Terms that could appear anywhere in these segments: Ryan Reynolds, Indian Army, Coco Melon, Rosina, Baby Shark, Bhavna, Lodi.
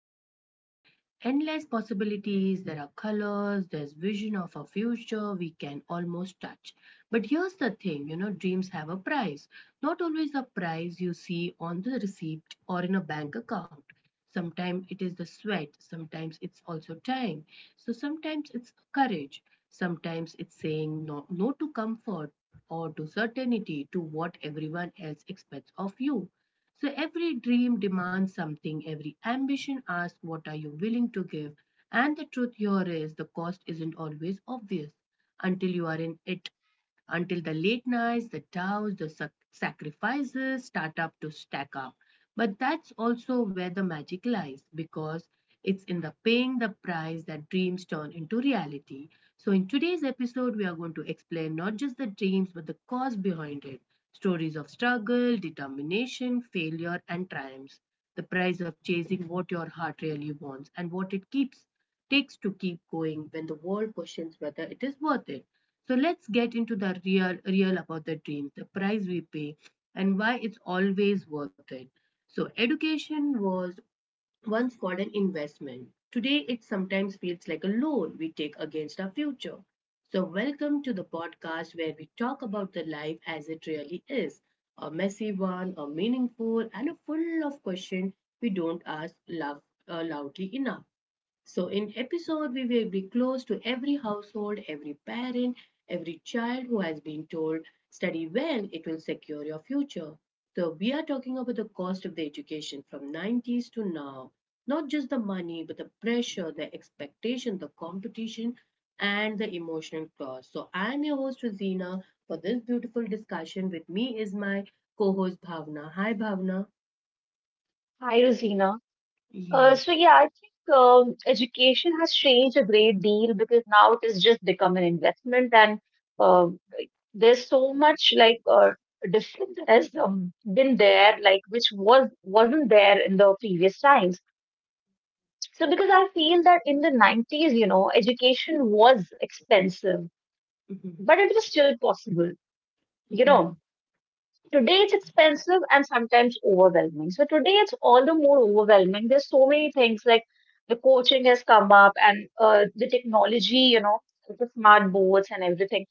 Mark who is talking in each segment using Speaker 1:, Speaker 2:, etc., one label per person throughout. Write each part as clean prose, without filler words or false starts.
Speaker 1: don't they? Endless possibilities, there are colors, there's vision of a future we can almost touch. But here's the thing dreams have a price, not always a price you see on the receipt or in a bank account. Sometimes it is the sweat, sometimes it's also time. So sometimes it's courage, sometimes it's saying no, no to comfort or to certainty, to what everyone else expects of you. So every dream demands something, every ambition asks what are you willing to give. And the truth here is the cost isn't always obvious until you are in it. Until the late nights, the doubts, the sacrifices start up to stack up. But that's also where the magic lies because it's in the paying the price that dreams turn into reality. So, in today's episode, we are going to explain not just the dreams but the cause behind it, stories of struggle, determination, failure, and triumphs, the price of chasing what your heart really wants and what it keeps takes to keep going when the world questions whether it is worth it. So let's get into the real real about the dreams, the price we pay and why it's always worth it. So education was once called an investment. Today, it sometimes feels like a loan we take against our future. So, welcome to the podcast where we talk about the life as it really is, a messy one, a meaningful, and a full of questions we don't ask love, loudly enough. So, in episode, we will be close to every household, every parent, every child who has been told, study well, it will secure your future. So, we are talking about the cost of the education from 90s to now. Not just the money, but the pressure, the expectation, the competition, and the emotional cost. So, I am your host, Rosina, for this beautiful discussion. With me is my co host, Bhavna. Hi, Bhavna.
Speaker 2: Hi, Rosina. Uh,
Speaker 1: Yes.
Speaker 2: so yeah, I think education has changed a great deal because now it has just become an investment, and um there's so much like difference that has been there, like which was wasn't there in the previous times. So because I feel that in the 90s, you know, education was expensive,
Speaker 1: Mm-hmm.
Speaker 2: but it was still possible, you know. Today it's expensive and sometimes overwhelming. So today it's all the more overwhelming. There's so many things like the coaching has come up and the technology, you know, the smart boards and everything.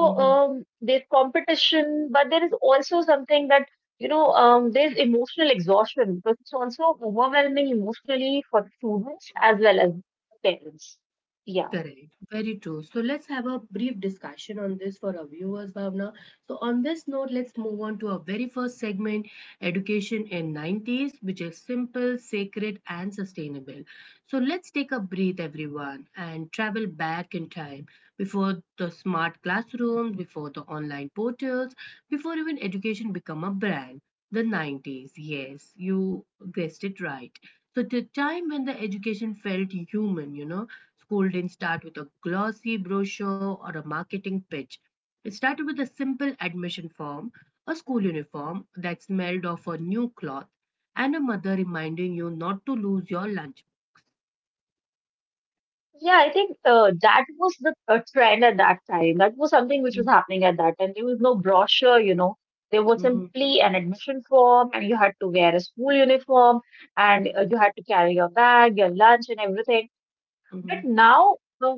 Speaker 1: Hmm, hmm.
Speaker 2: there's competition, but there is also something that there's emotional exhaustion because it's also overwhelming emotionally for the students as well as the parents. Yeah.
Speaker 1: Correct. Very true. So let's have a brief discussion on this for our viewers, Bhavna. So on this note, let's move on to our very first segment, education in 90s, which is simple, sacred, and sustainable. So let's take a breath, everyone, and travel back in time before the smart classrooms, before the online portals, before even education become a brand. The 90s, yes, you guessed it right. So the time when the education felt human. School didn't start with a glossy brochure or a marketing pitch. It started with a simple admission form, a school uniform that smelled of a new cloth, and a mother reminding you not to lose your lunch.
Speaker 2: Yeah, I think that was the trend at that time. That was something which was
Speaker 1: Mhm,
Speaker 2: happening at that time. There was no brochure, you know. There was
Speaker 1: mhm,
Speaker 2: simply an admission form, and you had to wear a school uniform, and you had to carry your bag, your lunch, and everything. But
Speaker 1: mhm,
Speaker 2: now, uh,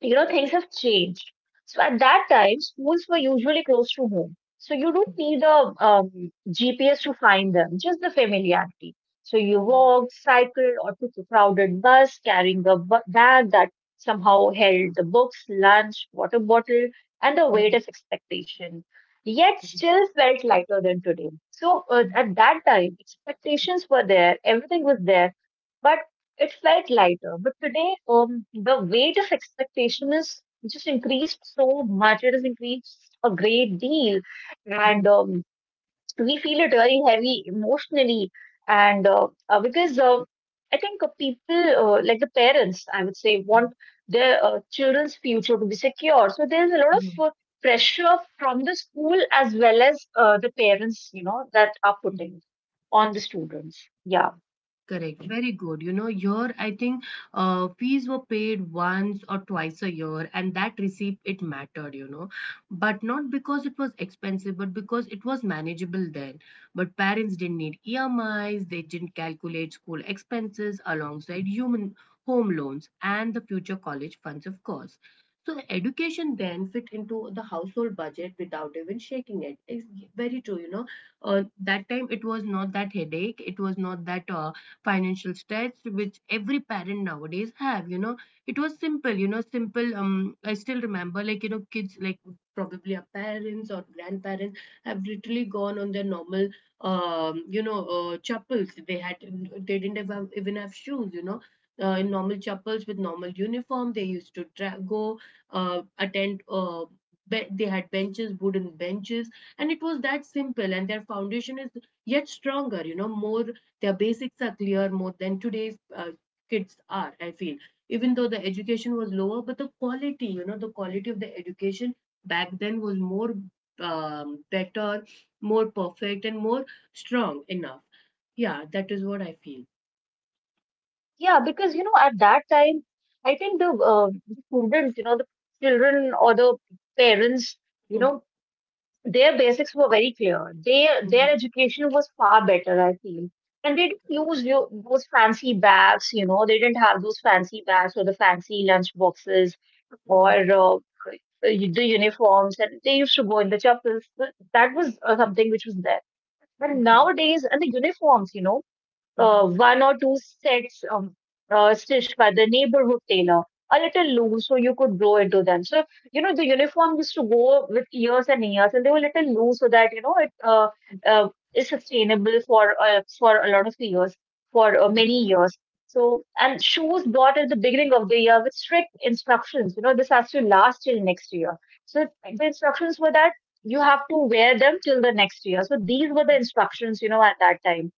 Speaker 2: you know, things have changed. So at that time, schools were usually close to home. So you don't need a GPS to find them, just the familiarity. So you
Speaker 1: mhm,
Speaker 2: walked, cycled, or took a crowded bus carrying a bag that somehow held the books, lunch, water bottle, and the weight
Speaker 1: mhm,
Speaker 2: of expectation. Yet
Speaker 1: mhm,
Speaker 2: still felt lighter than today. So
Speaker 1: mhm,
Speaker 2: at that time, expectations were there, everything was there, but it felt lighter, but today, the weight of expectation is just increased so much. It has increased a great deal,
Speaker 1: mhm, mhm,
Speaker 2: and
Speaker 1: mhm,
Speaker 2: we feel it very heavy emotionally. And because I think people, like the parents, I would say,
Speaker 1: mhm,
Speaker 2: want their children's future to be secure. So there's a lot
Speaker 1: mhm, mhm.
Speaker 2: of pressure from the school as well as the parents, you know, that are putting on the students. Yeah.
Speaker 1: Correct. Very good. You know, here I think fees were paid once or twice a year, and that receipt it mattered. You know, but not because it was expensive, but because it was manageable then. But parents didn't need EMIs. They didn't calculate school expenses alongside human home loans and the future college funds, of course. So the education then fit into the household budget without even shaking it. It's very true. You know, uh, that time it was not that headache. It was not that. Financial stress which every parent nowadays have, you know, it was simple, you know, simple. I still remember, like, you know, kids, like probably our parents or grandparents have literally gone on their normal, you know, chapels they had. They didn't even have shoes, you know, in normal chapels with normal uniform they used to go, attend. They had benches, wooden benches, and it was that simple, and their foundation is yet stronger, you know, more, their basics are clear more than today's kids are, I feel. Even though the education was lower, but the quality, you know, the quality of the education back then was more better, more perfect, and more strong enough. Yeah, that is what I feel.
Speaker 2: Yeah, because you know, at that time, I think the students, you know, the children or the parents, you
Speaker 1: Mhm,
Speaker 2: know, their basics were very clear. Their
Speaker 1: mhm.
Speaker 2: their education was far better, I feel. And they didn't
Speaker 1: Correct.
Speaker 2: use those fancy bags, you know, they didn't have those fancy bags or the fancy lunch boxes or
Speaker 1: Mhm,
Speaker 2: the uniforms. And they used to go in the chappals. That was something which was there. But
Speaker 1: mhm,
Speaker 2: nowadays, and the uniforms, you know
Speaker 1: mhm,
Speaker 2: one or two sets stitched by the neighborhood tailor, a little loose so you could grow into them. So, you know, the uniform used to go with years and years, and they were a little loose so that, you know, it uh,
Speaker 1: mhm,
Speaker 2: uh, is sustainable for a lot of years, for
Speaker 1: mhm.
Speaker 2: many years. So, and shoes bought at the beginning of the year with strict instructions, you know, this has to last till next year. So, the instructions were that you have to wear them till the next year. So, these were the instructions, you know, at that time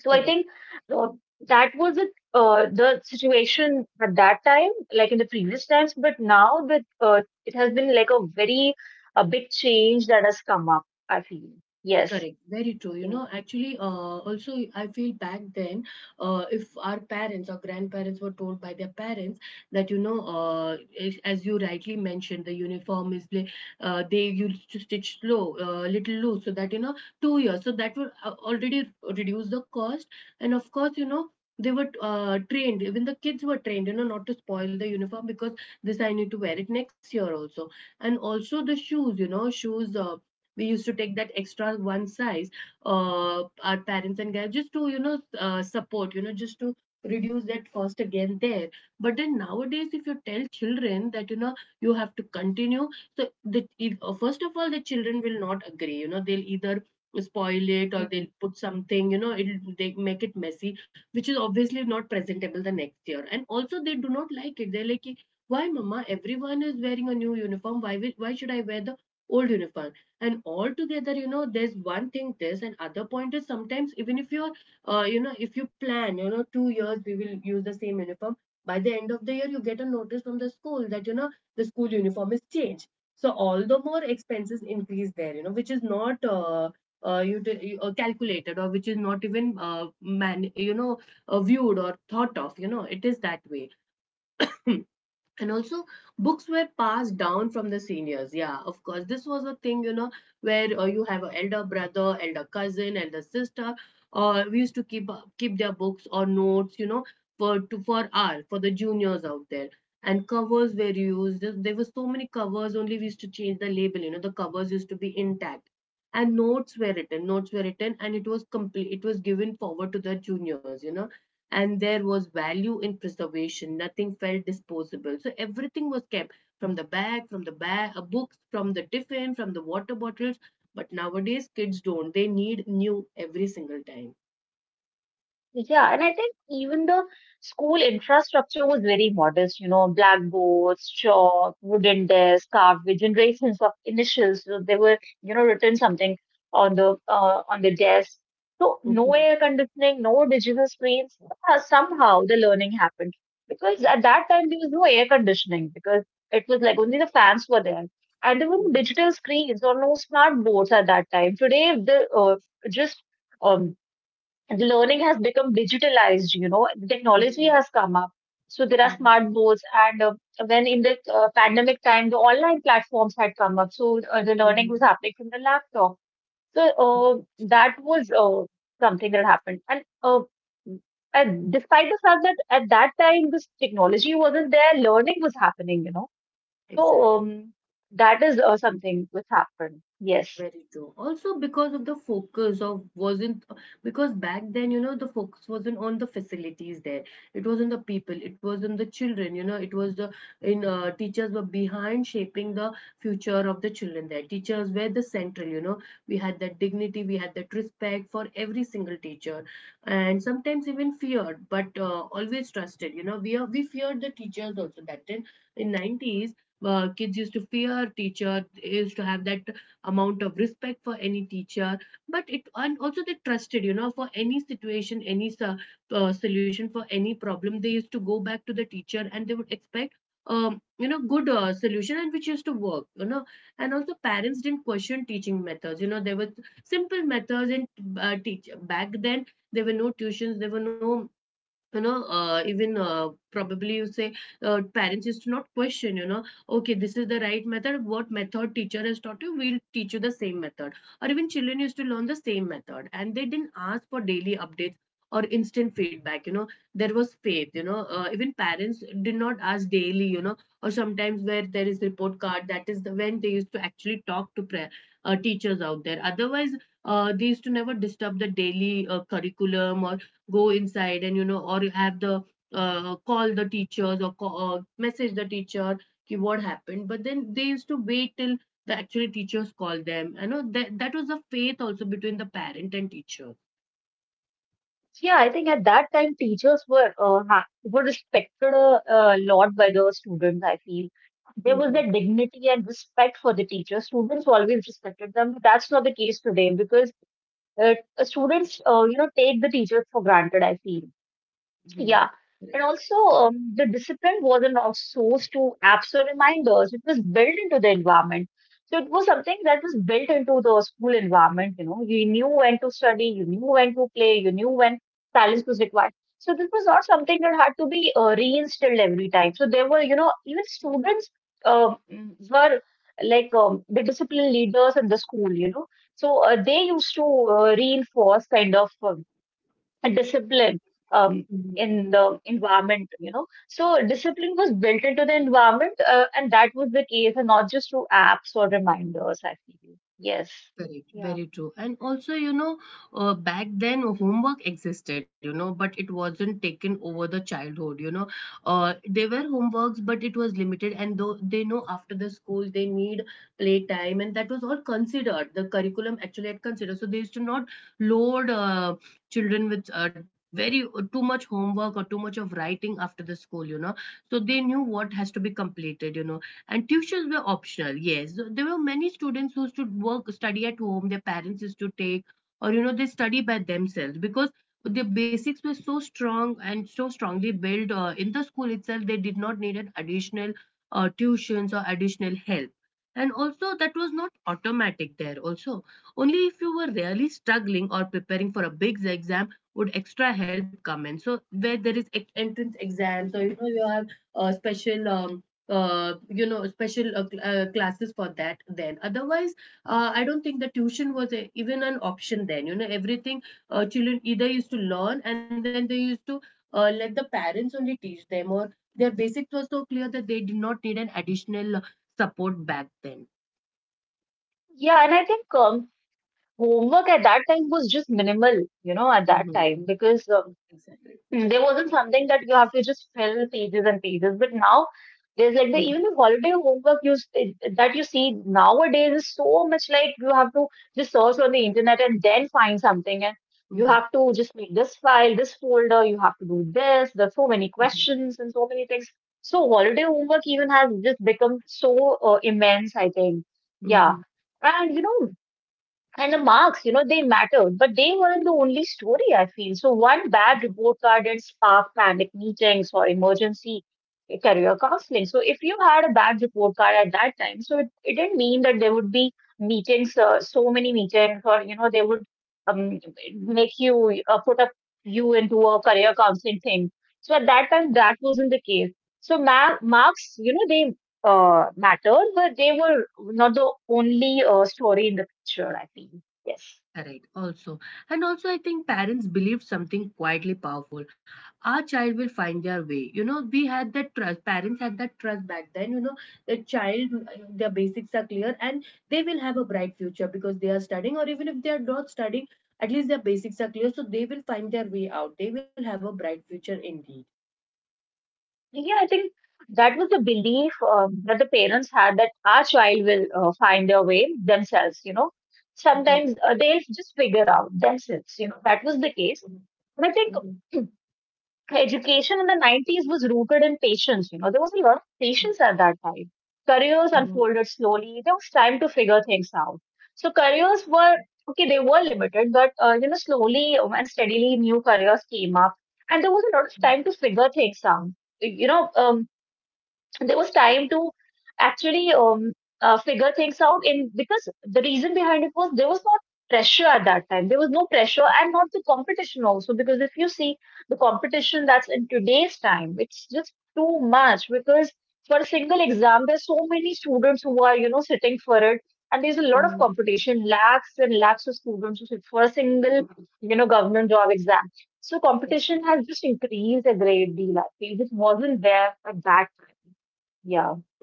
Speaker 2: so I
Speaker 1: Correct.
Speaker 2: think uh, that was it, the situation at that time, like in the previous times, but now that it has been like a very a big change that has come up, I feel. Yes.
Speaker 1: Correct, very true. You know, actually, also I feel back then, if our parents or grandparents were told by their parents that, you know, as you rightly mentioned, the uniform is they used to stitch slow, little loose, so that, you know, 2 years, so that would already reduce the cost, and of course, you know. They were trained, even the kids were trained, you know, not to spoil the uniform because this I need to wear it next year also. And also the shoes, you know, shoes, we used to take that extra one size, our parents and guys just to, you know, support, you know, just to reduce that cost again there. But then nowadays if you tell children that, you know, you have to continue, so the if, first of all the children will not agree, you know, they'll either spoil it
Speaker 2: Yeah.
Speaker 1: or they'll put something, you know, it'll, they make it messy, which is obviously not presentable the next year. And also they do not like it, they're like, why, mama, everyone is wearing a new uniform, why should I wear the old uniform? And altogether, you know, there's one thing this and other point is sometimes even if you're, you know, if you plan, you know, 2 years we will use the same uniform, by the end of the year you get a notice from the school that, you know, the school uniform is changed, so all the more expenses increase there, you know, which is not you, calculated or which is not even, man, you know, viewed or thought of, you know, it is that way. And also books were passed down from the seniors, yeah, of course this was a thing, you know, where you have an elder brother, elder cousin, elder sister, or we used to keep, their books or notes, you know, for to for our for the juniors out there. And covers were used there, were so many covers, only we used to change the label, you know, the covers used to be intact, and notes were written, and it was complete, it was given forward to the juniors, you know. And there was value in preservation. Nothing felt disposable. So everything was kept from books, from the tiffin, from the water bottles. But nowadays, kids don't. They need new every single time.
Speaker 2: Yeah, and I think even the school infrastructure was very modest, you know, blackboards, chalk, wooden desks carved with generations of initials. So they were, you know, written something on the desk. So no
Speaker 1: Mm-hmm.
Speaker 2: air conditioning, no digital screens. Yeah, somehow the learning happened because at that time there was no air conditioning because it was like only
Speaker 1: Correct.
Speaker 2: the fans were there, and there were no
Speaker 1: Mm-hmm.
Speaker 2: digital screens or no smart boards at that time. Today, just um, the learning has become digitalized, you know, the technology
Speaker 1: Mm-hmm.
Speaker 2: has come up, so there are smart
Speaker 1: Mm-hmm.
Speaker 2: boards and when in the pandemic time the online platforms had come up, so the learning was
Speaker 1: Mm-hmm.
Speaker 2: happening from the laptop, so that was something that happened, and despite the fact that at that time this technology wasn't there, learning was happening, you know. So
Speaker 1: Exactly.
Speaker 2: um, that is something which happened. Yes.
Speaker 1: Very true. Also, because of the focus of wasn't, because back then, you know, the focus wasn't on the facilities there. It was on the people. It was on the children. You know, it was the in, teachers were behind shaping the future of the children there. Teachers were the central. You know, we had that dignity. We had that respect for every single teacher, and sometimes even feared, but always trusted. You know, we feared the teachers also back then in 90s. Kids used to fear teacher. They used to have that amount of respect for any teacher, but it, and also they trusted, you know, for any situation, solution for any problem, they used to go back to the teacher and they would expect you know, good solution, and which used to work, you know. And also parents didn't question teaching methods, you know, there were simple methods and teach back then, there were no tuitions, there were no, you know, even probably you say parents used to not question, you know, okay, this is the right method, what method teacher has taught you, we'll teach you the same method, or even children used to learn the same method, and they didn't ask for daily updates or instant feedback, you know. There was faith, you know, even parents did not ask daily, you know, or sometimes where there is report card, that is the when they used to actually talk to teachers out there, otherwise they used to never disturb the daily curriculum or go inside, and you know, or you have the call the teachers or call, message the teacher ki what happened, but then they used to wait till the actual teachers called them, you know, that was a faith also between the parent and teacher.
Speaker 2: Yeah, I think at that time teachers were were respected a lot by the students. I feel there was
Speaker 1: Mm-hmm.
Speaker 2: that dignity and respect for the teachers. Students always respected them, but that's not the case today because uh, students, you know, take the teachers for granted. I feel
Speaker 1: Mm-hmm.
Speaker 2: yeah. And
Speaker 1: Correct.
Speaker 2: also, the discipline wasn't outsourced to apps or reminders. It was built into the environment. So it was something that was built into the school environment. You know, you knew when to study, you knew when to play, you knew when silence was required. So this was not something that had to be reinstilled every time. So there were, you know, even students um were like the discipline leaders in the school. You know, so they used to reinforce kind of. A discipline um,
Speaker 1: Mhm.
Speaker 2: in the environment, you know. So discipline was built into the environment, and that was the case, and not just through apps or reminders, I feel. Yes.
Speaker 1: Correct,
Speaker 2: Yeah.
Speaker 1: very true. And also, you know, back then homework existed, you know, but it wasn't taken over the childhood, you know. They were homeworks, but it was limited. And though they know after the school they need playtime, and that was all considered. The curriculum actually had considered. So they used to not load children with very too much homework or too much of writing after the school, you know. So they knew what has to be completed, you know, and tuitions were optional, yes. So there were many students who used to work, study at home, their parents used to take, or you know, they study by themselves because the basics were so strong and so strongly built in the school itself, they did not need an additional tuitions or additional help. And also, that was not automatic there, also. Only if you were really struggling or preparing for a big exam would extra help come in. So, where there is entrance exams or you know, you have special you know special classes for that, then otherwise I don't think the tuition was even an option then, you know, everything, children either used to learn and then they used to let the parents only teach them or their basics were so clear that they did not need an additional support back then.
Speaker 2: Yeah, and I think homework at that time was just minimal, you know, at that time
Speaker 1: Hmm,
Speaker 2: because um,
Speaker 1: exactly.
Speaker 2: Mm, there wasn't something that you have to just fill pages and pages. But now there's like the
Speaker 1: Hmm.
Speaker 2: even the holiday homework that you see nowadays is so much like you have to just search on the internet and then find something, and you have
Speaker 1: Hmm.
Speaker 2: to just make this file, this folder, you have to do this. There's so many
Speaker 1: Hmm.
Speaker 2: questions and so many things. So holiday homework even has just become so immense, I think. Yeah.
Speaker 1: Hmm.
Speaker 2: And you know, and the marks, you know, they mattered, but they weren't the only story, I feel. So one bad report card didn't spark panic meetings or emergency career counseling. So if you had a bad report card at that time, so it didn't mean that there would be meetings, so many meetings, or, you know, they would um, make you put up you into a career counseling thing. So at that time, that wasn't the case. So marks, you know, they mattered, but they were not the only story in the picture, I think. Yes.
Speaker 1: Correct, also. And also, I think parents believed something quietly powerful. Our child will find their way. You know, we had that trust. Parents had that trust back then. You know, the child, their basics are clear and they will have a bright future because they are studying, or even if they are not studying, at least their basics are clear. So they will find their way out. They will have a bright future indeed.
Speaker 2: Yeah, I think that was the belief that the parents had that our child will find their way themselves, you know.
Speaker 1: Mhm,
Speaker 2: Sometimes they'll just figure out themselves, you know. That was the case.
Speaker 1: mhm,
Speaker 2: And I think
Speaker 1: mhm,
Speaker 2: education in the 90s was rooted in patience. You know, there was a lot of patience at that time. Careers
Speaker 1: mhm,
Speaker 2: unfolded slowly. There was time to figure things out. So careers were, okay, they were limited, but, you know, slowly and steadily new careers came up. And there was a lot of
Speaker 1: mhm,
Speaker 2: time to figure things out. You know, there was time to actually figure things out in because the reason behind it was there was not pressure at that time, there was no pressure and not the competition also, because if you see the competition that's in today's time, it's just too much because for a single exam there's so many students who are, you know, sitting for it, and there's a lot of
Speaker 1: mhm.
Speaker 2: competition, lakhs and lakhs of students who sit for a single, you know, government job exam. So competition has
Speaker 1: Exactly.
Speaker 2: just increased a great deal, I think it wasn't there at that time. yeah,
Speaker 1: Mhm.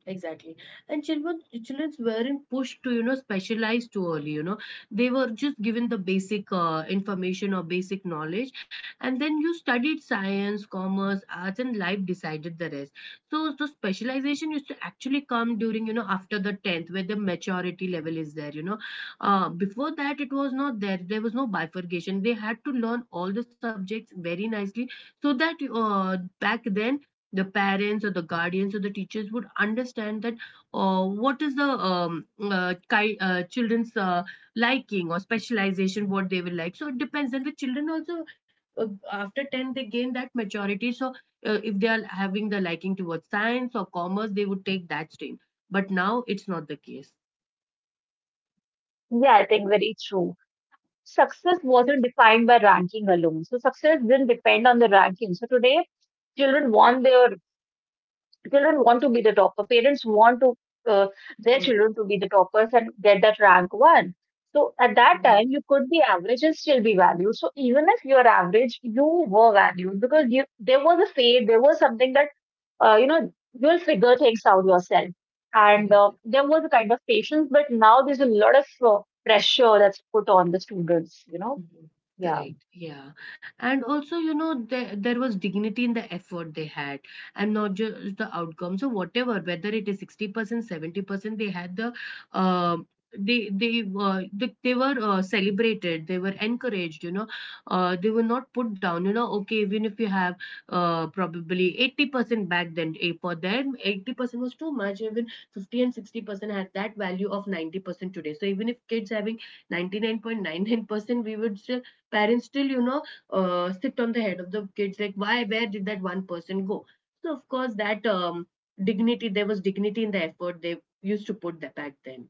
Speaker 1: Exactly. And children weren't pushed to, you know, specialize too early, you know. They were just given the basic information or basic knowledge. And then you studied science, commerce, arts, and life decided the rest. So, specialization used to actually come during, you know, after the 10th, where the maturity level is there, you know. Before that, it was not there. There was no bifurcation. They had to learn all the subjects very nicely so that back then, the parents or the guardians or the teachers would understand that what is the children's liking or specialization, what they will like. So it depends, and with children also, after 10 they gain that maturity, so if they are having the liking towards science or commerce they would take that stream, but now it's not the case.
Speaker 2: yeah, I think very true. Success wasn't defined by ranking alone. So success didn't depend on the ranking. So today, children want their children want to be the topper. Parents want to uh, their children to be the toppers and get that rank one. So at that
Speaker 1: Mm-hmm.
Speaker 2: time, you could be average and still be valued. So even if you are average, you were valued because you there was a fate. There was something that you know, you'll figure things out yourself. And there was a kind of patience, but now there's a lot of pressure that's put on the students, you know.
Speaker 1: Mhm.
Speaker 2: Yeah.
Speaker 1: Correct. Yeah. And also, you know, there was dignity in the effort they had, and not just the outcomes or whatever, whether it is 60%, 70%, they had the, um they were celebrated, they were encouraged, you know, they were not put down, you know, okay, even if you have probably 80% back then, eh, for them, 80% was too much, even 50 and 60% had that value of 90% today. So even if kids having 99.99%, we would still, parents still, you know, sit on the head of the kids like, why, where did that one person go? So of course that dignity, there was dignity in the effort they used to put that back then.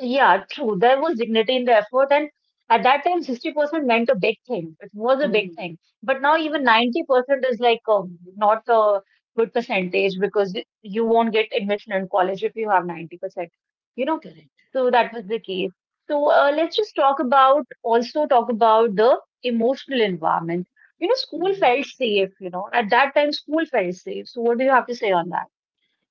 Speaker 2: Yeah, true. There was dignity in the effort, and at that time, 60% meant a big thing. It was a big
Speaker 1: Mhm.
Speaker 2: thing. But now, even 90% is like not a good percentage because you won't get admission in college if you have 90%, you know?
Speaker 1: Correct.
Speaker 2: So that was the case. So let's just talk about also talk about the emotional environment. You know, school
Speaker 1: Mhm.
Speaker 2: felt safe, you know. At that time, school felt safe. So what do you have to say
Speaker 1: Mhm.
Speaker 2: on that?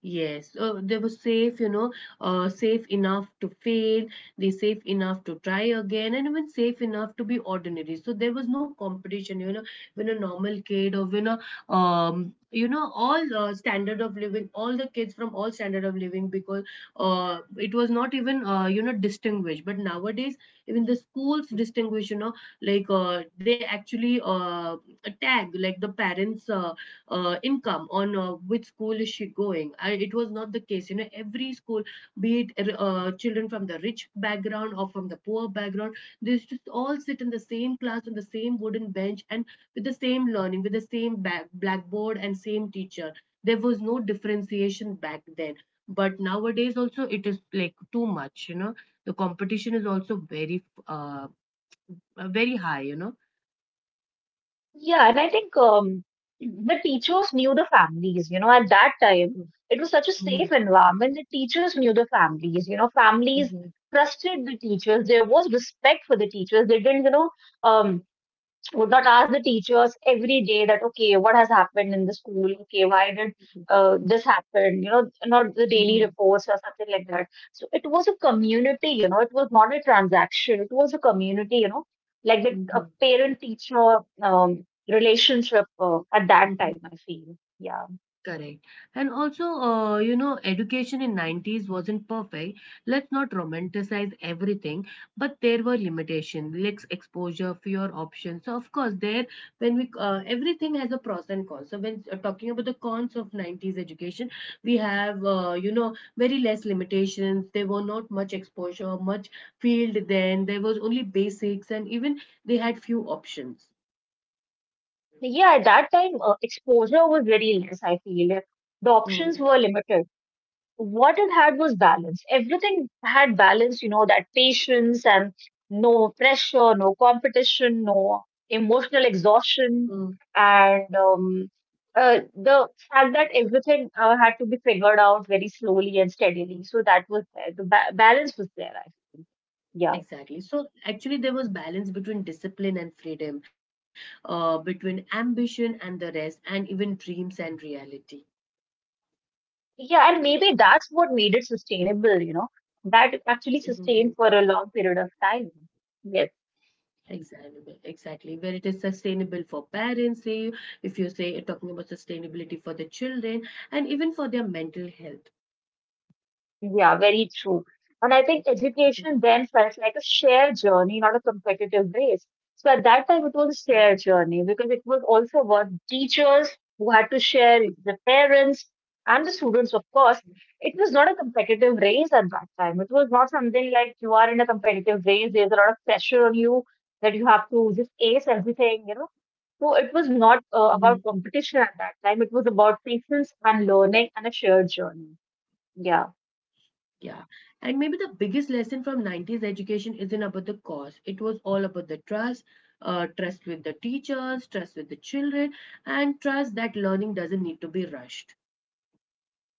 Speaker 1: Yes, they were safe, you know, safe enough to fail, they safe enough to try again, and even safe enough to be ordinary. So there was no competition, you know, when a normal kid or when you know, all standard of living, all the kids from all standard of living, because it was not even, you know, distinguished. But nowadays, even the schools distinguish, you know, like they actually tag like the parents. Income on which school is she going, and it was not the case, you know, every school, be it children from the rich background or from the poor background, they used to all sit in the same class on the same wooden bench and with the same learning with the same blackboard and same teacher. There was no differentiation back then, but nowadays also it is like too much, you know, the competition is also uh, very high, you know.
Speaker 2: Yeah, and I think the teachers knew the families, you know, at that time, it was such a
Speaker 1: Mhm,
Speaker 2: safe environment. The teachers knew the families, you know, families
Speaker 1: mhm,
Speaker 2: trusted the teachers. There was respect for the teachers. They didn't, you know, um, would not ask the teachers every day that okay, what has happened in the school, okay, why did
Speaker 1: mhm,
Speaker 2: this happen, you know, not the daily
Speaker 1: mhm,
Speaker 2: reports or something like that. So it was a community, you know, it was not a transaction, it was a community, you know, like the a
Speaker 1: mhm,
Speaker 2: parent teacher relationship at that
Speaker 1: mhm.
Speaker 2: time, I feel. Yeah.
Speaker 1: Correct. And also, you know, education in 90s wasn't perfect. Let's not romanticize everything, but there were limitations, less exposure, fewer options. So, of course, there, everything has a pros and cons. So, when talking about the cons of 90s education, we have, you know, very less limitations. There were not much exposure, much field then. There was only basics, and even they had few options.
Speaker 2: Yeah, at that time exposure was very less, I feel. The options
Speaker 1: Mm,
Speaker 2: were limited. What it had was balance. Everything had balance, you know, that patience and no pressure, no competition, no emotional
Speaker 1: mm.
Speaker 2: exhaustion, and the fact that everything had to be figured out very slowly and steadily. So that was there. The balance was there, I think. Yeah.
Speaker 1: Exactly. So actually, there was balance between discipline and freedom, between ambition and the rest, and even dreams and reality.
Speaker 2: Yeah, and maybe that's what made it sustainable, you know, that it actually sustained
Speaker 1: Mhm.
Speaker 2: for a long period of time. Yes.
Speaker 1: Exactly, exactly. Where it is sustainable for parents, say if you say talking about sustainability for the children, and even for their mental health.
Speaker 2: Yeah, very true. And I think education then felt like a shared journey, not a competitive race. So at that time, it was a shared journey because it was also about teachers who had to share the parents and the students, of course. It was not a competitive race at that time. It was not something like you are in a competitive race. There's a lot of pressure on you that you have to just ace everything, you know. So it was not
Speaker 1: Mhm.
Speaker 2: about competition at that time. It was about patience and learning and a shared journey. Yeah.
Speaker 1: Yeah. And maybe the biggest lesson from 90s education isn't about the cost. It was all about the trust, trust with the teachers, trust with the children, and trust that learning doesn't need to be rushed.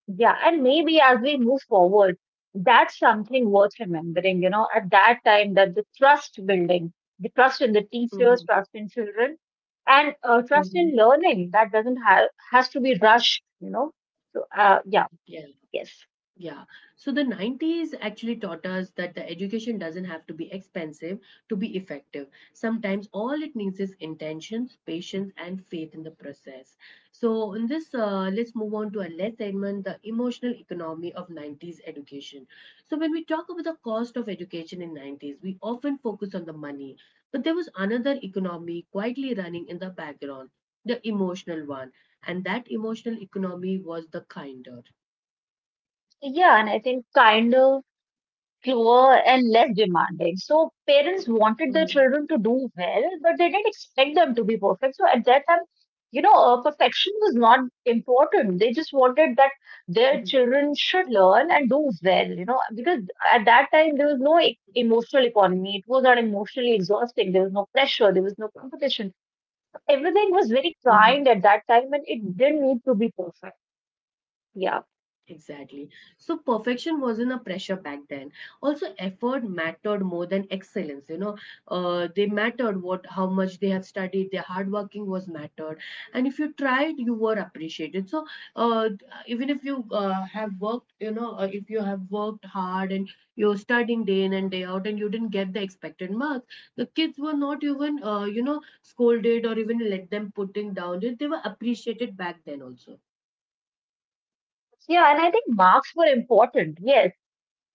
Speaker 2: Yeah, and maybe as we move forward, that's something worth remembering, you know, at that time, that the trust building, the trust in the
Speaker 1: Mm-hmm.
Speaker 2: teachers, trust in children, and trust
Speaker 1: Mm-hmm.
Speaker 2: in learning that doesn't have has to be rushed, you know. So, yeah, yes.
Speaker 1: Yeah. So the 90s actually taught us that the education doesn't have to be expensive to be effective. Sometimes all it needs is intentions, patience, and faith in the process. So in this, let's move on to our last segment, the emotional economy of 90s education. So when we talk about the cost of education in 90s, we often focus on the money, but there was another economy quietly running in the background, the emotional one, and that emotional economy was the kinder.
Speaker 2: So, yeah, and I think kinder, slower and less demanding. So parents wanted
Speaker 1: Mhm.
Speaker 2: their children to do well, but they didn't expect them to be perfect. So at that time, you know, perfection was not important. They just wanted that their children should learn and do well, you know, because at that time there was no emotional economy. It was not emotionally exhausting. There was no pressure. There was no competition. Everything was
Speaker 1: Mhm.
Speaker 2: very kind at that time and it didn't need to be perfect. Yeah.
Speaker 1: Exactly. So perfection wasn't a pressure back then. Also, effort mattered more than excellence. You know, they mattered what, how much they have studied. Their hard working was mattered, and if you tried, you were appreciated. So, uh, even if you have worked, you know, if you have worked hard and you're studying day in and day out, and you didn't get the expected marks, the kids were not even, you know, scolded or even let them putting down. They were appreciated back then also.
Speaker 2: Yeah, and I think marks were important. Yes,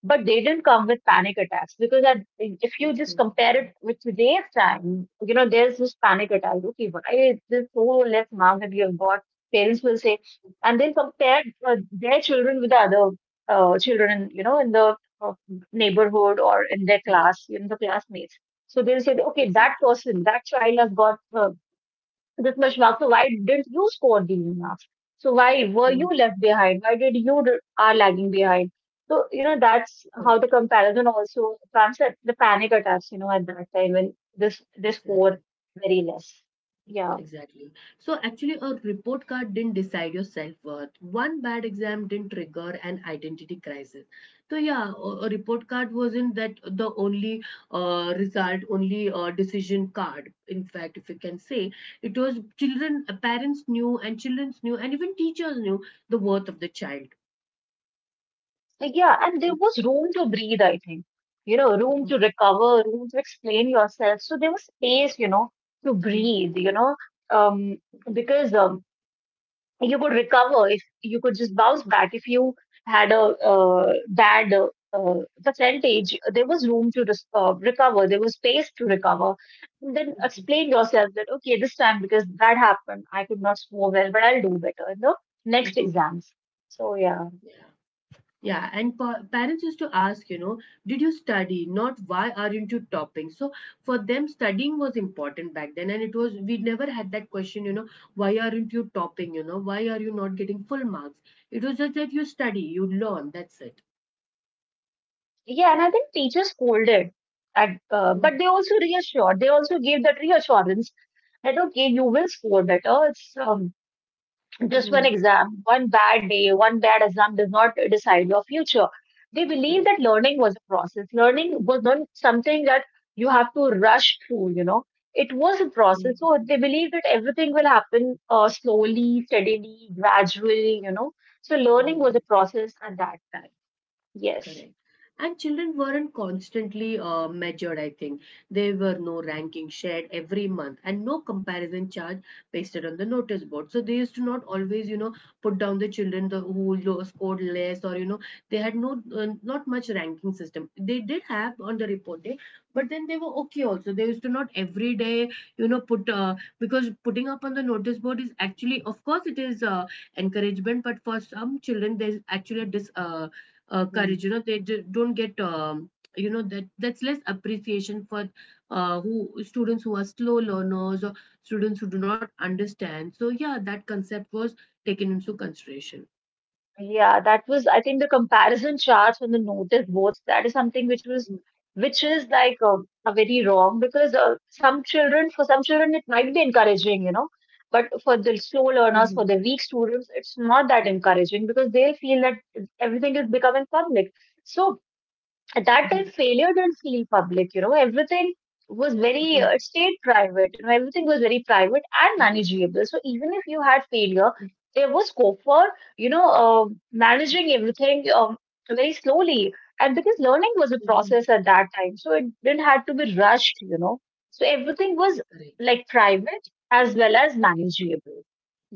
Speaker 2: but they didn't come with panic attacks because at, if you just
Speaker 1: Mhm.
Speaker 2: compare it with today's time, you know, there's this panic attack. Okay, why is this so less amount that you have got? Parents will say, and they'll compare their children with the other children, you know, in the neighborhood or in their
Speaker 1: Correct,
Speaker 2: class, in the classmates. So they'll say, okay, that
Speaker 1: exactly.
Speaker 2: person, that child has got this Mashwak, so why didn't you score the enough? So why were you
Speaker 1: Mhm.
Speaker 2: left behind? Why did are lagging behind? So you know, that's how the
Speaker 1: Correct,
Speaker 2: comparison also comes at the panic attacks. You know, at that time when this they score
Speaker 1: exactly,
Speaker 2: very less. Yeah.
Speaker 1: exactly. So actually, a report card didn't decide your self-worth. One bad exam didn't trigger an identity crisis. So yeah, a report card wasn't that the only result, only decision card. In fact, if you can say, it was children, parents knew, and children knew, and even teachers knew the worth of the child.
Speaker 2: Like, yeah, and there was room to breathe. I think, you know, room
Speaker 1: Mhm.
Speaker 2: to recover, room to explain yourself. So there was space, you know, to
Speaker 1: Mhm.
Speaker 2: breathe. You know, um,
Speaker 1: Mhm.
Speaker 2: because you could recover if you could just bounce back, if you had a bad uh, percentage, there was room to recover, there was space to
Speaker 1: Mhm.
Speaker 2: recover and then
Speaker 1: Mhm.
Speaker 2: explain yourself that okay, this time because that happened, I could not score well, but I'll do better in the
Speaker 1: Mhm.
Speaker 2: next
Speaker 1: Mhm.
Speaker 2: exams. So yeah.
Speaker 1: Yeah. Yeah, and parents used to ask, you know, did you study? Not why aren't you topping? So for them, studying was important back then, and it was, we never had that question, you know, why aren't you topping? You know, why are you not getting full marks? It was just that you study, you learn. That's it.
Speaker 2: Yeah, and I think teachers scolded at but
Speaker 1: Mm-hmm.
Speaker 2: they also reassured, they also gave that reassurance that okay, you will score better. It's just one
Speaker 1: Mm-hmm.
Speaker 2: exam, one bad day, one bad exam does not decide your future. They believe
Speaker 1: Correct.
Speaker 2: that learning was a process. Learning was not something that you have to rush through, you know. It was a
Speaker 1: Mm-hmm.
Speaker 2: process. So they believe that everything will happen slowly, steadily, gradually, you know. So
Speaker 1: Mm-hmm.
Speaker 2: learning was a
Speaker 1: Mm-hmm.
Speaker 2: process at that time.
Speaker 1: Correct.
Speaker 2: Yes.
Speaker 1: And children weren't constantly measured, I think. There were no ranking shared every month and no comparison chart pasted on the notice board. So they used to not always, you know, put down who scored less or, you know, they had no, not much ranking system. They did have on the report day, but then they were okay also. They used to not every day, you know, put, because putting up on the notice board is actually, of course, it is encouragement, but for some children, there's actually a courage, you know, they don't get you know, that's less appreciation for who students who are slow learners or students who do not understand. So yeah, that concept was taken into consideration.
Speaker 2: Yeah, that was, I think, the comparison charts and the notice boards, that is something which was, which is like a very wrong because some children, for some children, it might be encouraging, you know, but for the
Speaker 1: Mhm,
Speaker 2: slow learners, for the weak students, it's not that encouraging because they'll feel that everything is becoming public. So
Speaker 1: mhm,
Speaker 2: at that time failure didn't feel public, you know, everything
Speaker 1: mhm,
Speaker 2: was very it stayed private, you know, everything was very private and manageable, so even if you had
Speaker 1: mhm,
Speaker 2: failure there was scope for, you know, managing everything very slowly, and because learning was a
Speaker 1: mhm.
Speaker 2: process at that time, so it didn't have to be rushed, you know. So everything was
Speaker 1: Correct.
Speaker 2: like private as well as manageable.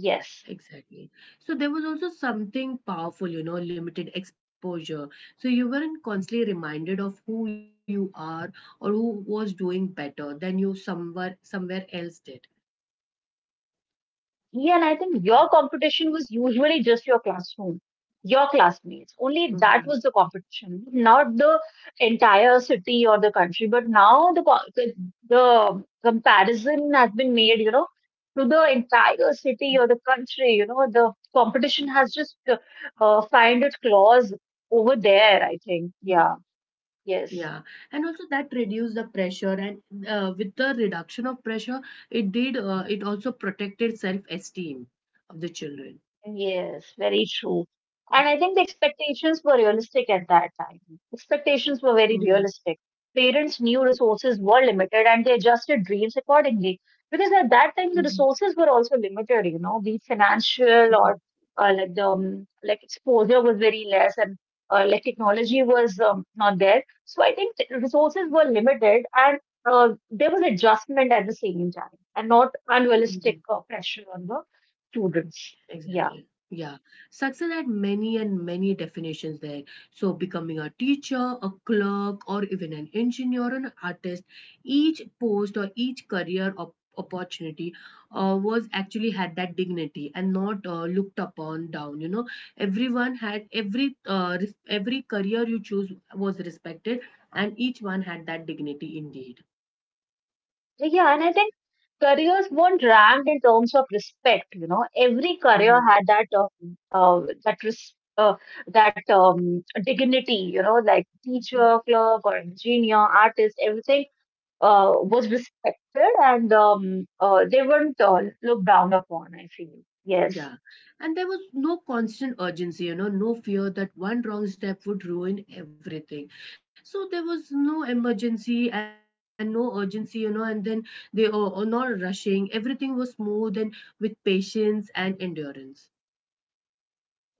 Speaker 2: Yes.
Speaker 1: Exactly. So there was also something powerful, you know, limited exposure, so you weren't constantly reminded of who you are or who was doing better than you somewhere else did.
Speaker 2: Yeah, and I think your
Speaker 1: Yeah.
Speaker 2: competition was usually just your classroom, your classmates. Only
Speaker 1: Mm-hmm.
Speaker 2: that was the competition, not the entire city or the country. But now the the comparison has been made, you know, to the entire city or the country. You know, the competition has just found its claws over there, I think.
Speaker 1: Mhm.
Speaker 2: Yeah. Yes.
Speaker 1: Yeah, and also that reduced the pressure, and with the reduction of pressure, it did, it also protected self-esteem of the children.
Speaker 2: Yes, very true. And
Speaker 1: Mhm.
Speaker 2: I think the expectations were realistic at that time. Expectations were very
Speaker 1: Mhm.
Speaker 2: realistic. Parents knew resources were limited and they adjusted dreams accordingly. Because at that time, the resources were also limited, you know, be it financial or
Speaker 1: Mhm.
Speaker 2: like the like exposure was very less, and like technology was not there. So I think the resources were limited and there was adjustment at the same time and not unrealistic
Speaker 1: Mhm.
Speaker 2: pressure on the students. Yeah.
Speaker 1: Exactly. Yeah. Success had many and many definitions there. So, becoming a teacher, a clerk, or even an engineer or an artist, each post or each career opportunity was actually had that dignity and not looked upon down. You know, everyone had every every career you choose was respected, and each one had that dignity indeed.
Speaker 2: Yeah, and I think careers weren't ranked in terms of respect. You know, every career
Speaker 1: Mhm.
Speaker 2: had that that that dignity. You know, like teacher, clerk, or engineer, artist, everything was respected, and they weren't looked down upon, I feel. Yes.
Speaker 1: Yeah. And there was no constant urgency, you know, no fear that one wrong step would ruin everything. So there was no emergency and no urgency, you know, and then they were not rushing. Everything was smooth and with patience and endurance.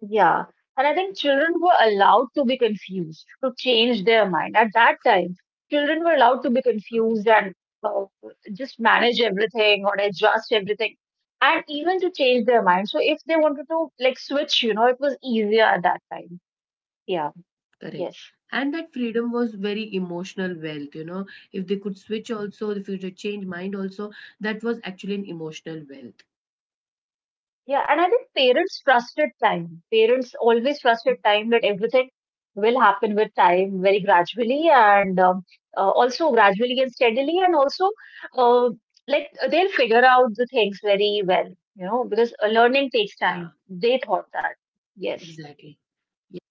Speaker 2: Yeah. And I think children were allowed to be confused, to change their mind. At that time, children were allowed to be confused and uh, just manage everything or adjust everything and even to change their
Speaker 1: Mhm.
Speaker 2: mind. So if they wanted to like switch, you know, it was easier at that time. Yeah.
Speaker 1: Correct.
Speaker 2: Yes.
Speaker 1: And that freedom was very emotional wealth, you know. If they could switch also, if they could change mind also, that was actually an emotional wealth.
Speaker 2: Yeah, and I think parents trusted time. Parents always trusted time that everything will happen with time very gradually and also gradually and steadily, and also uh, like they'll figure out the things very well, you know, because learning takes
Speaker 1: Yeah,
Speaker 2: time. They thought that. Yes.
Speaker 1: exactly. Yeah.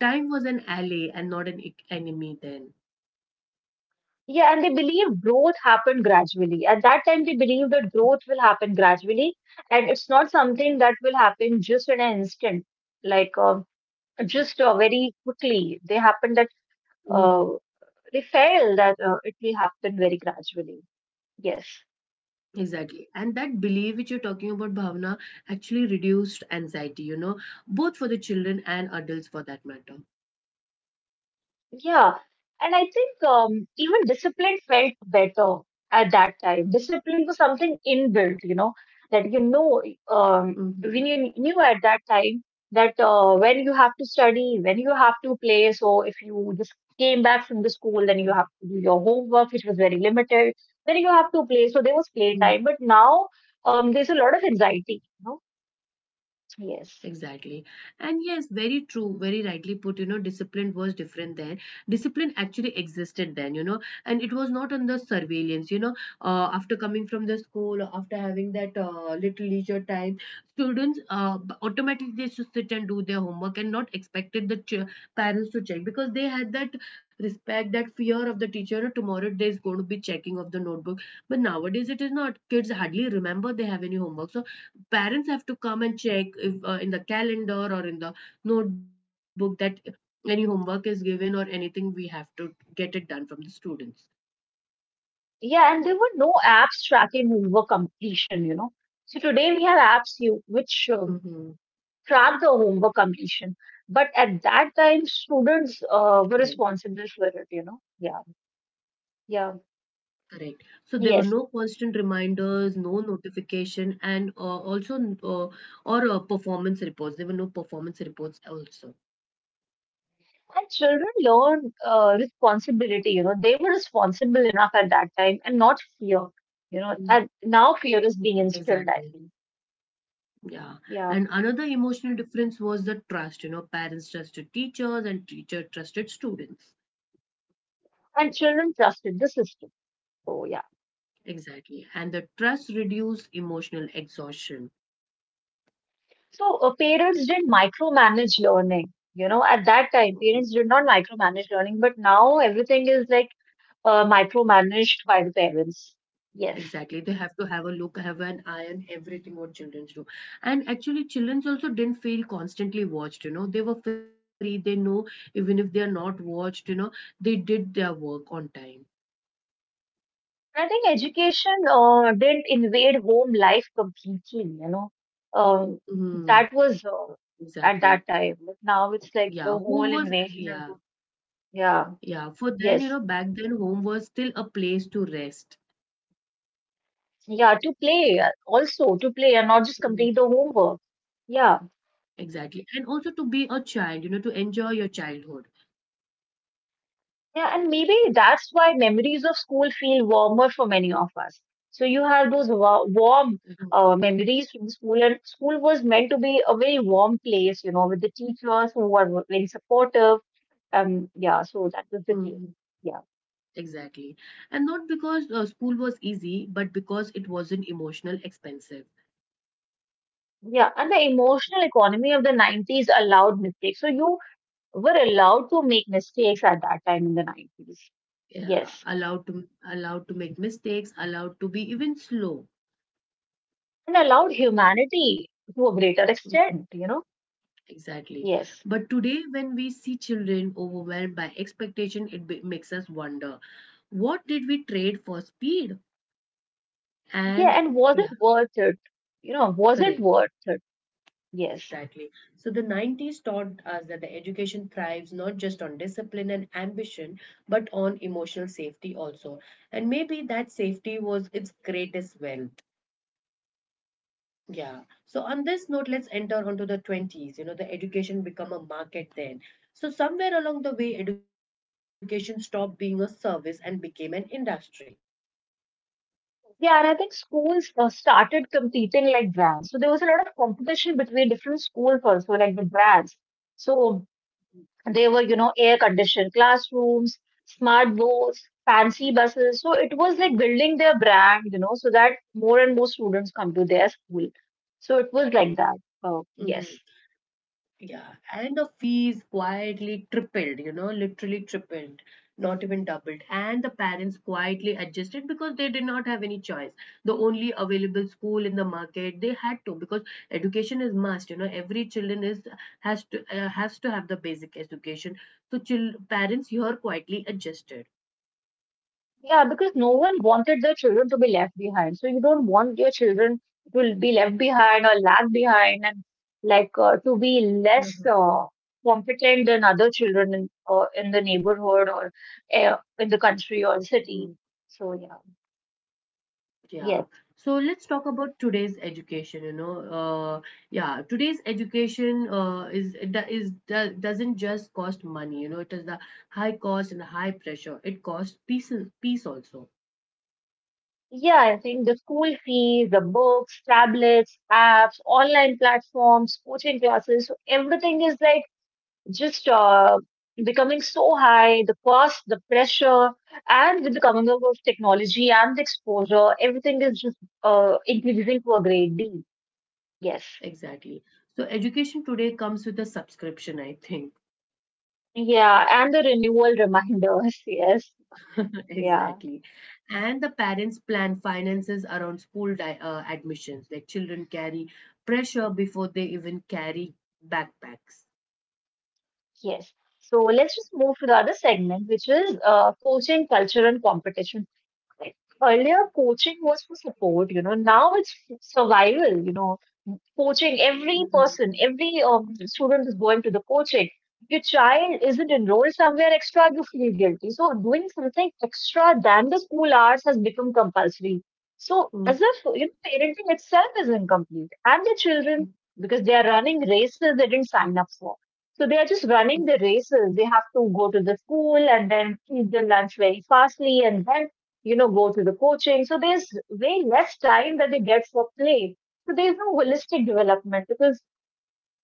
Speaker 1: Time was an ally and not an enemy then.
Speaker 2: Yeah, and they believe growth happened gradually. At that time, they believe that growth will happen gradually, and it's not something that will happen just in an instant. Like, just
Speaker 1: Mhm.
Speaker 2: very quickly. They happen that uh, they felt that it will happen very gradually. Yes.
Speaker 1: Exactly. And that belief which you're talking about, Bhavna, actually reduced anxiety, you know, both for the children and adults for that matter.
Speaker 2: Yeah. And I think even discipline felt better at that time. Discipline was something inbuilt, you know, that you know,
Speaker 1: Mm-hmm.
Speaker 2: when you knew at that time that when you have to study, when you have to play. So if you just came back from the school,
Speaker 1: Mm-hmm.
Speaker 2: then you have to do your homework, which was very limited. Then you have to play. So there was playtime. But now there's a lot of anxiety, you know. Yes.
Speaker 1: Exactly. And yes, very true, very rightly put. You know, discipline was different then. Discipline actually existed then, you know, and it was not under surveillance, you know. After coming from the school, or after having that little leisure time, students automatically they should sit and do their homework and not expected the parents to check because they had that respect, that fear of the teacher. "Oh, tomorrow there is going to be checking of the notebook. But nowadays it is not. Kids hardly remember they have any homework. So parents have to come and check if in the calendar or in the notebook that any homework is given or anything we have to get it done from the students.
Speaker 2: Yeah, and there were no apps tracking homework completion, you know. So today we have apps you,
Speaker 1: Mm-hmm.
Speaker 2: which track the homework completion. But at that time, students
Speaker 1: Correct,
Speaker 2: were responsible for it, you know. Yeah, yeah,
Speaker 1: correct. So there were no constant
Speaker 2: yes.
Speaker 1: reminders, no notification, and or performance reports. There were no performance reports also.
Speaker 2: And children learn responsibility, you know. They were responsible enough at that time and not fear, you know.
Speaker 1: Mm.
Speaker 2: And now fear is being instilled, I
Speaker 1: Exactly.
Speaker 2: think.
Speaker 1: Yeah.
Speaker 2: Yeah.
Speaker 1: And another emotional difference was the trust. You know, parents trusted teachers and teacher trusted students.
Speaker 2: And children trusted the system. So, yeah.
Speaker 1: Exactly. And the trust reduce emotional exhaustion.
Speaker 2: So parents didn't micromanage learning. You know, at that time, parents did
Speaker 1: Mhm.
Speaker 2: not micromanage learning, but now everything is like micromanaged by the parents. Yes.
Speaker 1: Exactly. They have to have a look, have an eye on everything what children do. And actually, children also didn't feel constantly watched, you know. They were free. They know even if they are not watched, you know, they did their work on time.
Speaker 2: I think education didn't invade home life completely, you know. Um, that
Speaker 1: Hmm.
Speaker 2: was at that
Speaker 1: Exactly.
Speaker 2: time. But now it's like the
Speaker 1: Yeah.
Speaker 2: whole
Speaker 1: Home was,
Speaker 2: invasion into,
Speaker 1: yeah.
Speaker 2: yeah,
Speaker 1: Yeah. For
Speaker 2: yes.
Speaker 1: then, you know, back then, home was still a place to rest.
Speaker 2: Yeah, to play also, to play and not
Speaker 1: Mm.
Speaker 2: just complete the homework. Yeah.
Speaker 1: Exactly. And also to be a child, you know, to enjoy your childhood.
Speaker 2: Yeah, and maybe that's why memories of school feel warmer for many of us. So you have those warm memories from school, and school was meant to be a very warm place, you know, with the teachers who were very supportive. Yeah, so
Speaker 1: Mhm.
Speaker 2: that was the case. Yeah,
Speaker 1: Exactly. And not because school was easy, but because it wasn't emotional expensive.
Speaker 2: yeah, and the emotional economy of the 90s allowed mistakes. So you were allowed to make mistakes at that time in the 90s.
Speaker 1: Yeah,
Speaker 2: Yes,
Speaker 1: allowed to allowed to make mistakes, allowed to be even slow.
Speaker 2: and allowed humanity to a greater
Speaker 1: Mhm.
Speaker 2: extent, you know.
Speaker 1: Exactly.
Speaker 2: Yes.
Speaker 1: But today, when we see children overwhelmed by expectation, it b makes us wonder, what did we trade for speed?
Speaker 2: Yeah,
Speaker 1: And
Speaker 2: and was
Speaker 1: yeah,
Speaker 2: it worth it? You know, was it
Speaker 1: correct.
Speaker 2: worth it? Yes.
Speaker 1: Exactly. So the 90s taught us that the education thrives not just on discipline and ambition, but on emotional safety also. And maybe that safety was its greatest wealth. Yeah. So on this note, let's enter onto the 20s. You know, the education become a market then. So somewhere along the way, education stopped being a service and became an industry.
Speaker 2: Yeah, and I think schools started competing like brands. So there was a lot of competition between different schools also, like the brands. So they were, you know, air-conditioned classrooms, smart boards, fancy buses. So it was like building their brand, you know, so that more and more students come to their school. So it was like that. Oh,
Speaker 1: Mm-hmm.
Speaker 2: yes.
Speaker 1: Yeah, and the fees quietly tripled, you know, literally tripled, not even doubled. And the parents quietly adjusted because they did not have any choice. The only available school in the market, they had to because education is must, you know, every children is has to has to have the basic education. So chil parents here quietly adjusted.
Speaker 2: Yeah, because no one wanted their children to be left behind. So you don't want your children to be left behind or lag behind and like to be less
Speaker 1: Uh-huh.
Speaker 2: competent than other children in the neighborhood or in the country or city. So yeah,
Speaker 1: Yeah.
Speaker 2: yes.
Speaker 1: So let's talk about today's education. You know, yeah, today's education doesn't just cost money. You know, it is the high cost and the high pressure. It costs peace also.
Speaker 2: Yeah, I think the school fees, the books, tablets, apps, online platforms, coaching classes, so everything is like just becoming so high, the cost, the pressure, and with the coming up of technology and the exposure, everything is just increasing to a great deal. Yes.
Speaker 1: Exactly. So education today comes with a subscription, I think.
Speaker 2: Yeah. And the renewal reminders. Yes. Yeah.
Speaker 1: Exactly. And the parents plan finances around school di admissions. Like children carry pressure before they even carry backpacks.
Speaker 2: Yes. So let's just move to the other segment, which is coaching culture and competition. Earlier, coaching was for support, you know. Now it's survival, you know. Coaching every
Speaker 1: Mhm.
Speaker 2: person, every student is going to the coaching. If your child isn't enrolled somewhere extra, you feel guilty. So doing something extra than the school hours has become compulsory. So as if you know, parenting itself is incomplete, and the children because they are running races they didn't sign up for. So they are just running the
Speaker 1: Mhm.
Speaker 2: races. They have to go to the school and then eat the lunch very fastly and then you know, go to the coaching. So there's way less time that they get for play. So there's no holistic development because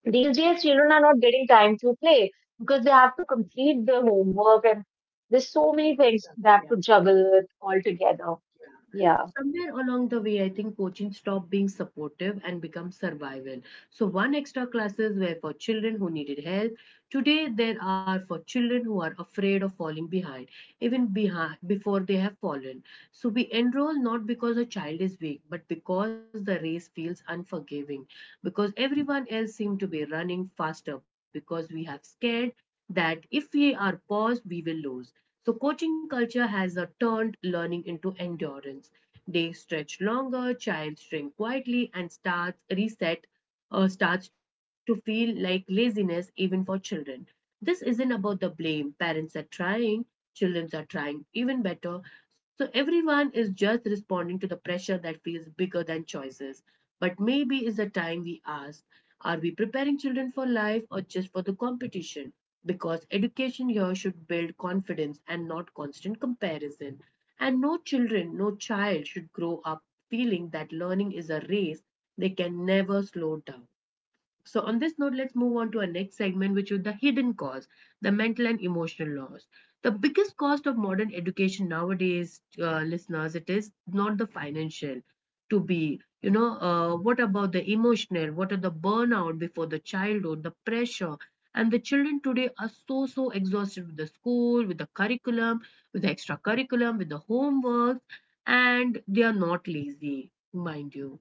Speaker 2: these days children are not getting time to play because they have to complete their homework and there's so many things
Speaker 1: Sure,
Speaker 2: they have to
Speaker 1: yeah, correct,
Speaker 2: juggle with altogether.
Speaker 1: yeah.
Speaker 2: Yeah.
Speaker 1: Somewhere along the way, I think coaching stopped being supportive and become survival. So, one extra classes were for children who needed help. Today, there are for children who are afraid of falling behind, even behind before they have fallen. So we enroll not because a child is weak, but because the race feels unforgiving, because everyone else seems to be running faster, because we have scared that if we are paused, we will lose. So coaching culture has turned learning into endurance. Days stretch longer, child shrink quietly, and starts to feel like laziness even for children. This isn't about the blame. Parents are trying, children are trying even better. So everyone is just responding to the pressure that feels bigger than choices. But maybe is the time we ask, are we preparing children for life or just for the competition? Because education here should build confidence and not constant comparison. And no children, no child should grow up feeling that learning is a race, they can never slow down. So, on this note, let's move on to our next segment, which is the hidden cause, the mental and emotional loss. The biggest cost of modern education nowadays, listeners, it is not the financial to be. You know, what about the emotional? What are the burnout before the childhood, the pressure? And the children today are so, so exhausted with the school, with the curriculum, with the extra curriculum, with the homework, and they are not lazy, mind you.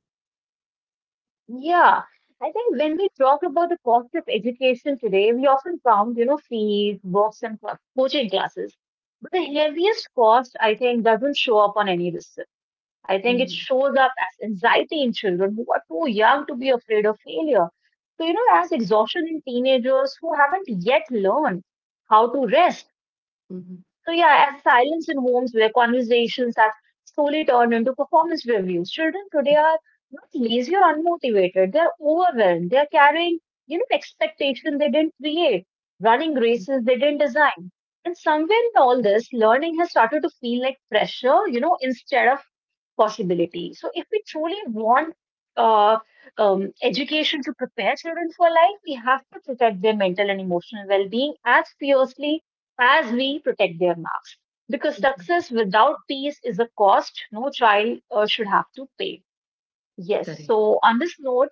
Speaker 2: Yeah. I think when we talk about the cost of education today, we often found, you know, fees, books, and coaching classes. But the heaviest cost, I think, doesn't show up on any receipt. I think it
Speaker 1: Mhm,
Speaker 2: shows up as anxiety in children who are too young to be afraid of failure. So, you know, as exhaustion in teenagers who haven't yet learned how to rest.
Speaker 1: mhm,
Speaker 2: So, yeah, as silence in homes where conversations have slowly turned into performance reviews. Children today are not lazy or unmotivated. They're overwhelmed. They're carrying, you know, expectations they didn't create, running
Speaker 1: mhm,
Speaker 2: races they didn't design. And somewhere in all this, learning has started to feel like pressure, you know, instead of possibility. So, if we truly want uh, education to prepare children for life, we have to protect their mental and emotional well being as fiercely as we protect their marks. Because
Speaker 1: mhm.
Speaker 2: success without peace is a cost no child should have to pay. Yes.
Speaker 1: Correct.
Speaker 2: So, on this note,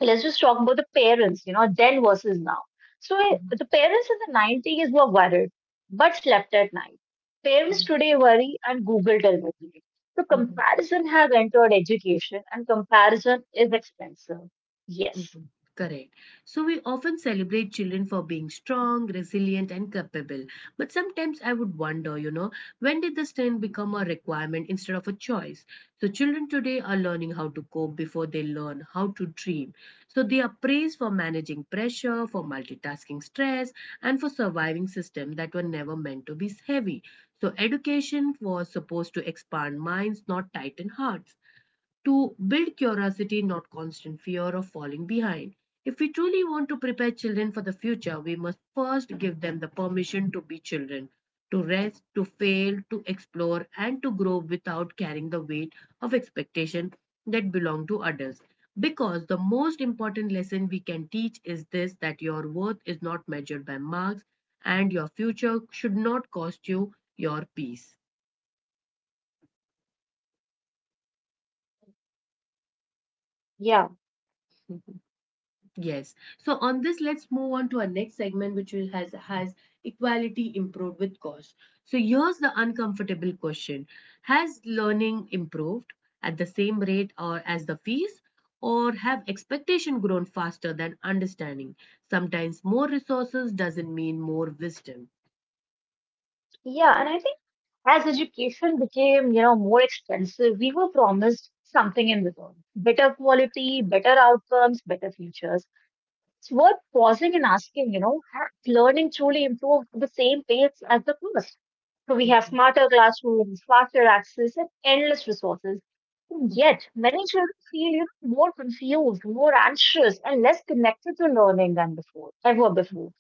Speaker 2: let's just talk about the parents, you know, then versus now. So
Speaker 1: Mhm,
Speaker 2: the parents in the 90s were worried but slept at night. Parents
Speaker 1: mhm,
Speaker 2: today worry and Google television. So
Speaker 1: mhm,
Speaker 2: comparison has entered education and comparison is expensive. Yes.
Speaker 1: mhm. Correct. So we often celebrate children for being strong, resilient, and capable. But sometimes I would wonder, you know, when did the strength become a requirement instead of a choice? So children today are learning how to cope before they learn how to dream. So they are praised for managing pressure, for multitasking stress, and for surviving systems that were never meant to be heavy. So education was supposed to expand minds, not tighten hearts, to build curiosity, not constant fear of falling behind. If we truly want to prepare children for the future, we must first give them the permission to be children, to rest, to fail, to explore, and to grow without carrying the weight of expectation that belong to adults. Because the most important lesson we can teach is this that your worth is not measured by marks, and your future should not cost you your peace.
Speaker 2: Yeah.
Speaker 1: Yes. So on this, let's move on to our next segment, which has equality improved with cost. So here's the uncomfortable question: has learning improved at the same rate or as the fees, or have expectation grown faster than understanding? Sometimes more resources doesn't mean more wisdom.
Speaker 2: Yeah. And I think as education became, you know, more expensive, we were promised something in return. Better quality, better outcomes, better futures. It's worth pausing and asking, you know, has learning truly improved at the same pace as the course? So we have
Speaker 1: Mhm,
Speaker 2: smarter classrooms, faster access, and endless resources. And yet,
Speaker 1: mhm,
Speaker 2: many children feel you know, more confused, more anxious, and less connected to learning than before, ever before.
Speaker 1: mhm,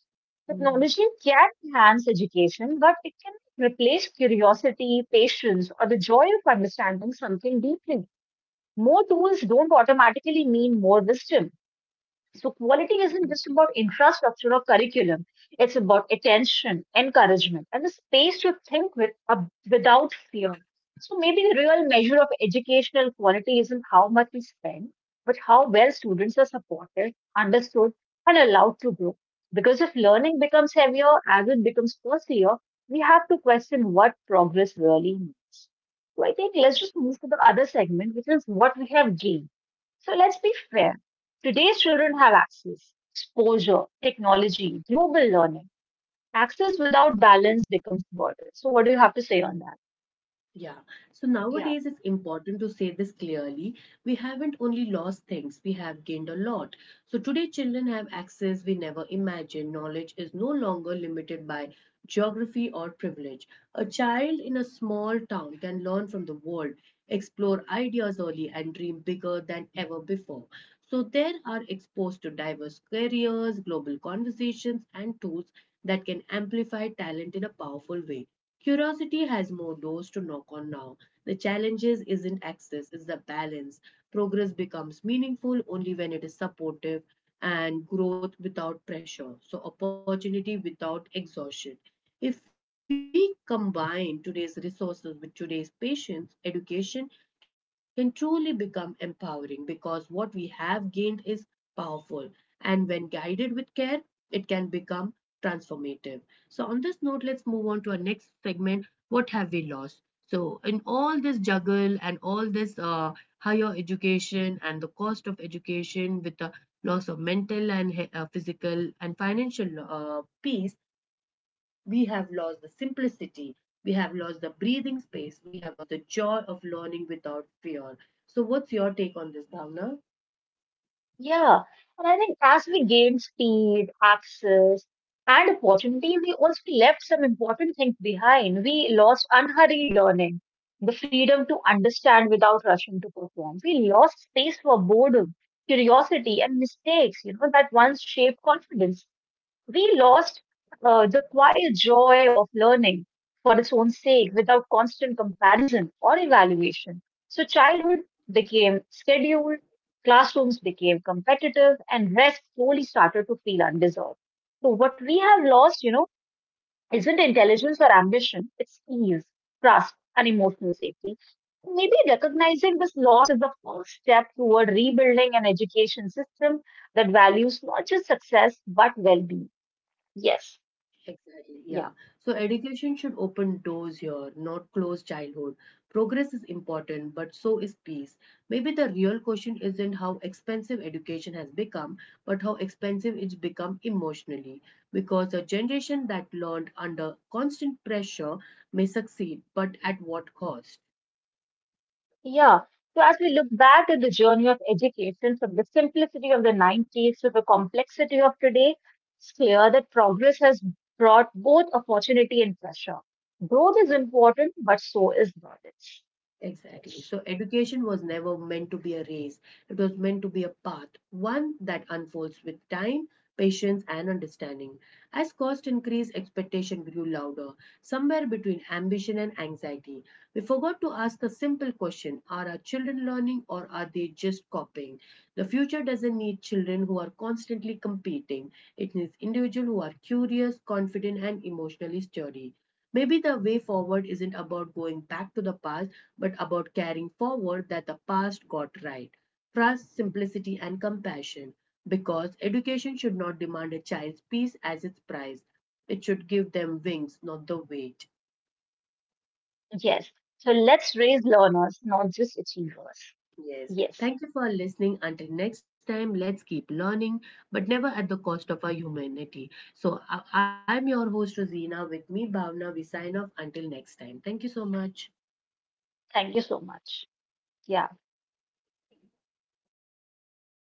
Speaker 1: mhm.
Speaker 2: Technology can enhance education, but it can replace curiosity, patience, or the joy of understanding something deeply. More tools don't automatically mean more wisdom. So quality isn't just about infrastructure or curriculum. It's about attention, encouragement, and the space to think without fear. So maybe the real measure of educational quality isn't how much we spend, but how well students are supported, understood, and allowed to grow. Because if learning becomes heavier as it becomes costlier, we have to question what progress really means. So I think let's just move to the other segment, which is what we have gained, so let's be fair. Today's children have access, exposure, technology, global learning. Access without balance becomes burden. So what do you have to say on that?
Speaker 1: Yeah. So
Speaker 2: Yeah.
Speaker 1: nowadays it's important to say this clearly. We haven't only lost things, we have gained a lot. So today children have access we never imagined. Knowledge is no longer limited by geography or privilege. A child in a small town can learn from the world, explore ideas early and dream bigger than ever before. So they are exposed to diverse careers, global conversations and tools that can amplify talent in a powerful way. Curiosity has more doors to knock on now. The challenges isn't access, it's the balance. Progress becomes meaningful only when it is supportive and growth without pressure. So opportunity without exhaustion. If we combine today's resources with today's patience, education can truly become empowering because what we have gained is powerful. And when guided with care, it can become transformative. So, on this note, let's move on to our next segment, what have we lost? So, in all this juggle and all this higher education and the cost of education with the loss of mental and physical and financial peace, we have lost the simplicity. We have lost the breathing space. We have lost the joy of learning without fear. So, what's your take on this, Bhavna?
Speaker 2: Yeah. And I think as we gain speed, access, and opportunity, we also left some important things behind. We lost unhurried learning, the freedom to understand without rushing to perform. We lost space for boredom, curiosity, and mistakes, you know, that once shaped confidence. We lost the quiet joy of learning for its own sake without constant comparison or evaluation. So, childhood became scheduled, classrooms became competitive, and rest slowly started to feel undeserved. So, what we have lost, you know, isn't intelligence or ambition, it's ease, trust, and emotional safety. Maybe recognizing this loss is the first step toward rebuilding an education system that values not just success but well being. Yes.
Speaker 1: Exactly,
Speaker 2: Yeah,
Speaker 1: yeah. So education should open doors here, not close childhood. Progress is important, but so is peace. Maybe the real question isn't how expensive education has become, but how expensive it's become emotionally. Because a generation that learned under constant pressure may succeed, but at what cost?
Speaker 2: yeah. So as we look back at the journey of education from the simplicity of the 90s to the complexity of today, it's clear that progress has brought both opportunity and pressure. Growth is important, but so is knowledge.
Speaker 1: Exactly. So education was never meant to be a race. It was meant to be a path, one that unfolds with time, patience, and understanding. As cost increased, expectation grew louder, somewhere between ambition and anxiety. We forgot to ask a simple question: are our children learning or are they just copying? The future doesn't need children who are constantly competing, it needs individuals who are curious, confident, and emotionally sturdy. Maybe the way forward isn't about going back to the past, but about carrying forward that the past got right. Trust, simplicity, and compassion. Because education should not demand a child's peace as its price. It should give them wings, not the weight.
Speaker 2: Yes. So let's raise learners, not just achievers.
Speaker 1: Yes,
Speaker 2: Yes.
Speaker 1: thank you for listening. Until next time, let's keep learning, but never at the cost of our humanity. So, I'm your host, Rosina. With me, Bhavna. We sign off until next time. Thank you so much.
Speaker 2: Thank you so much. Yeah.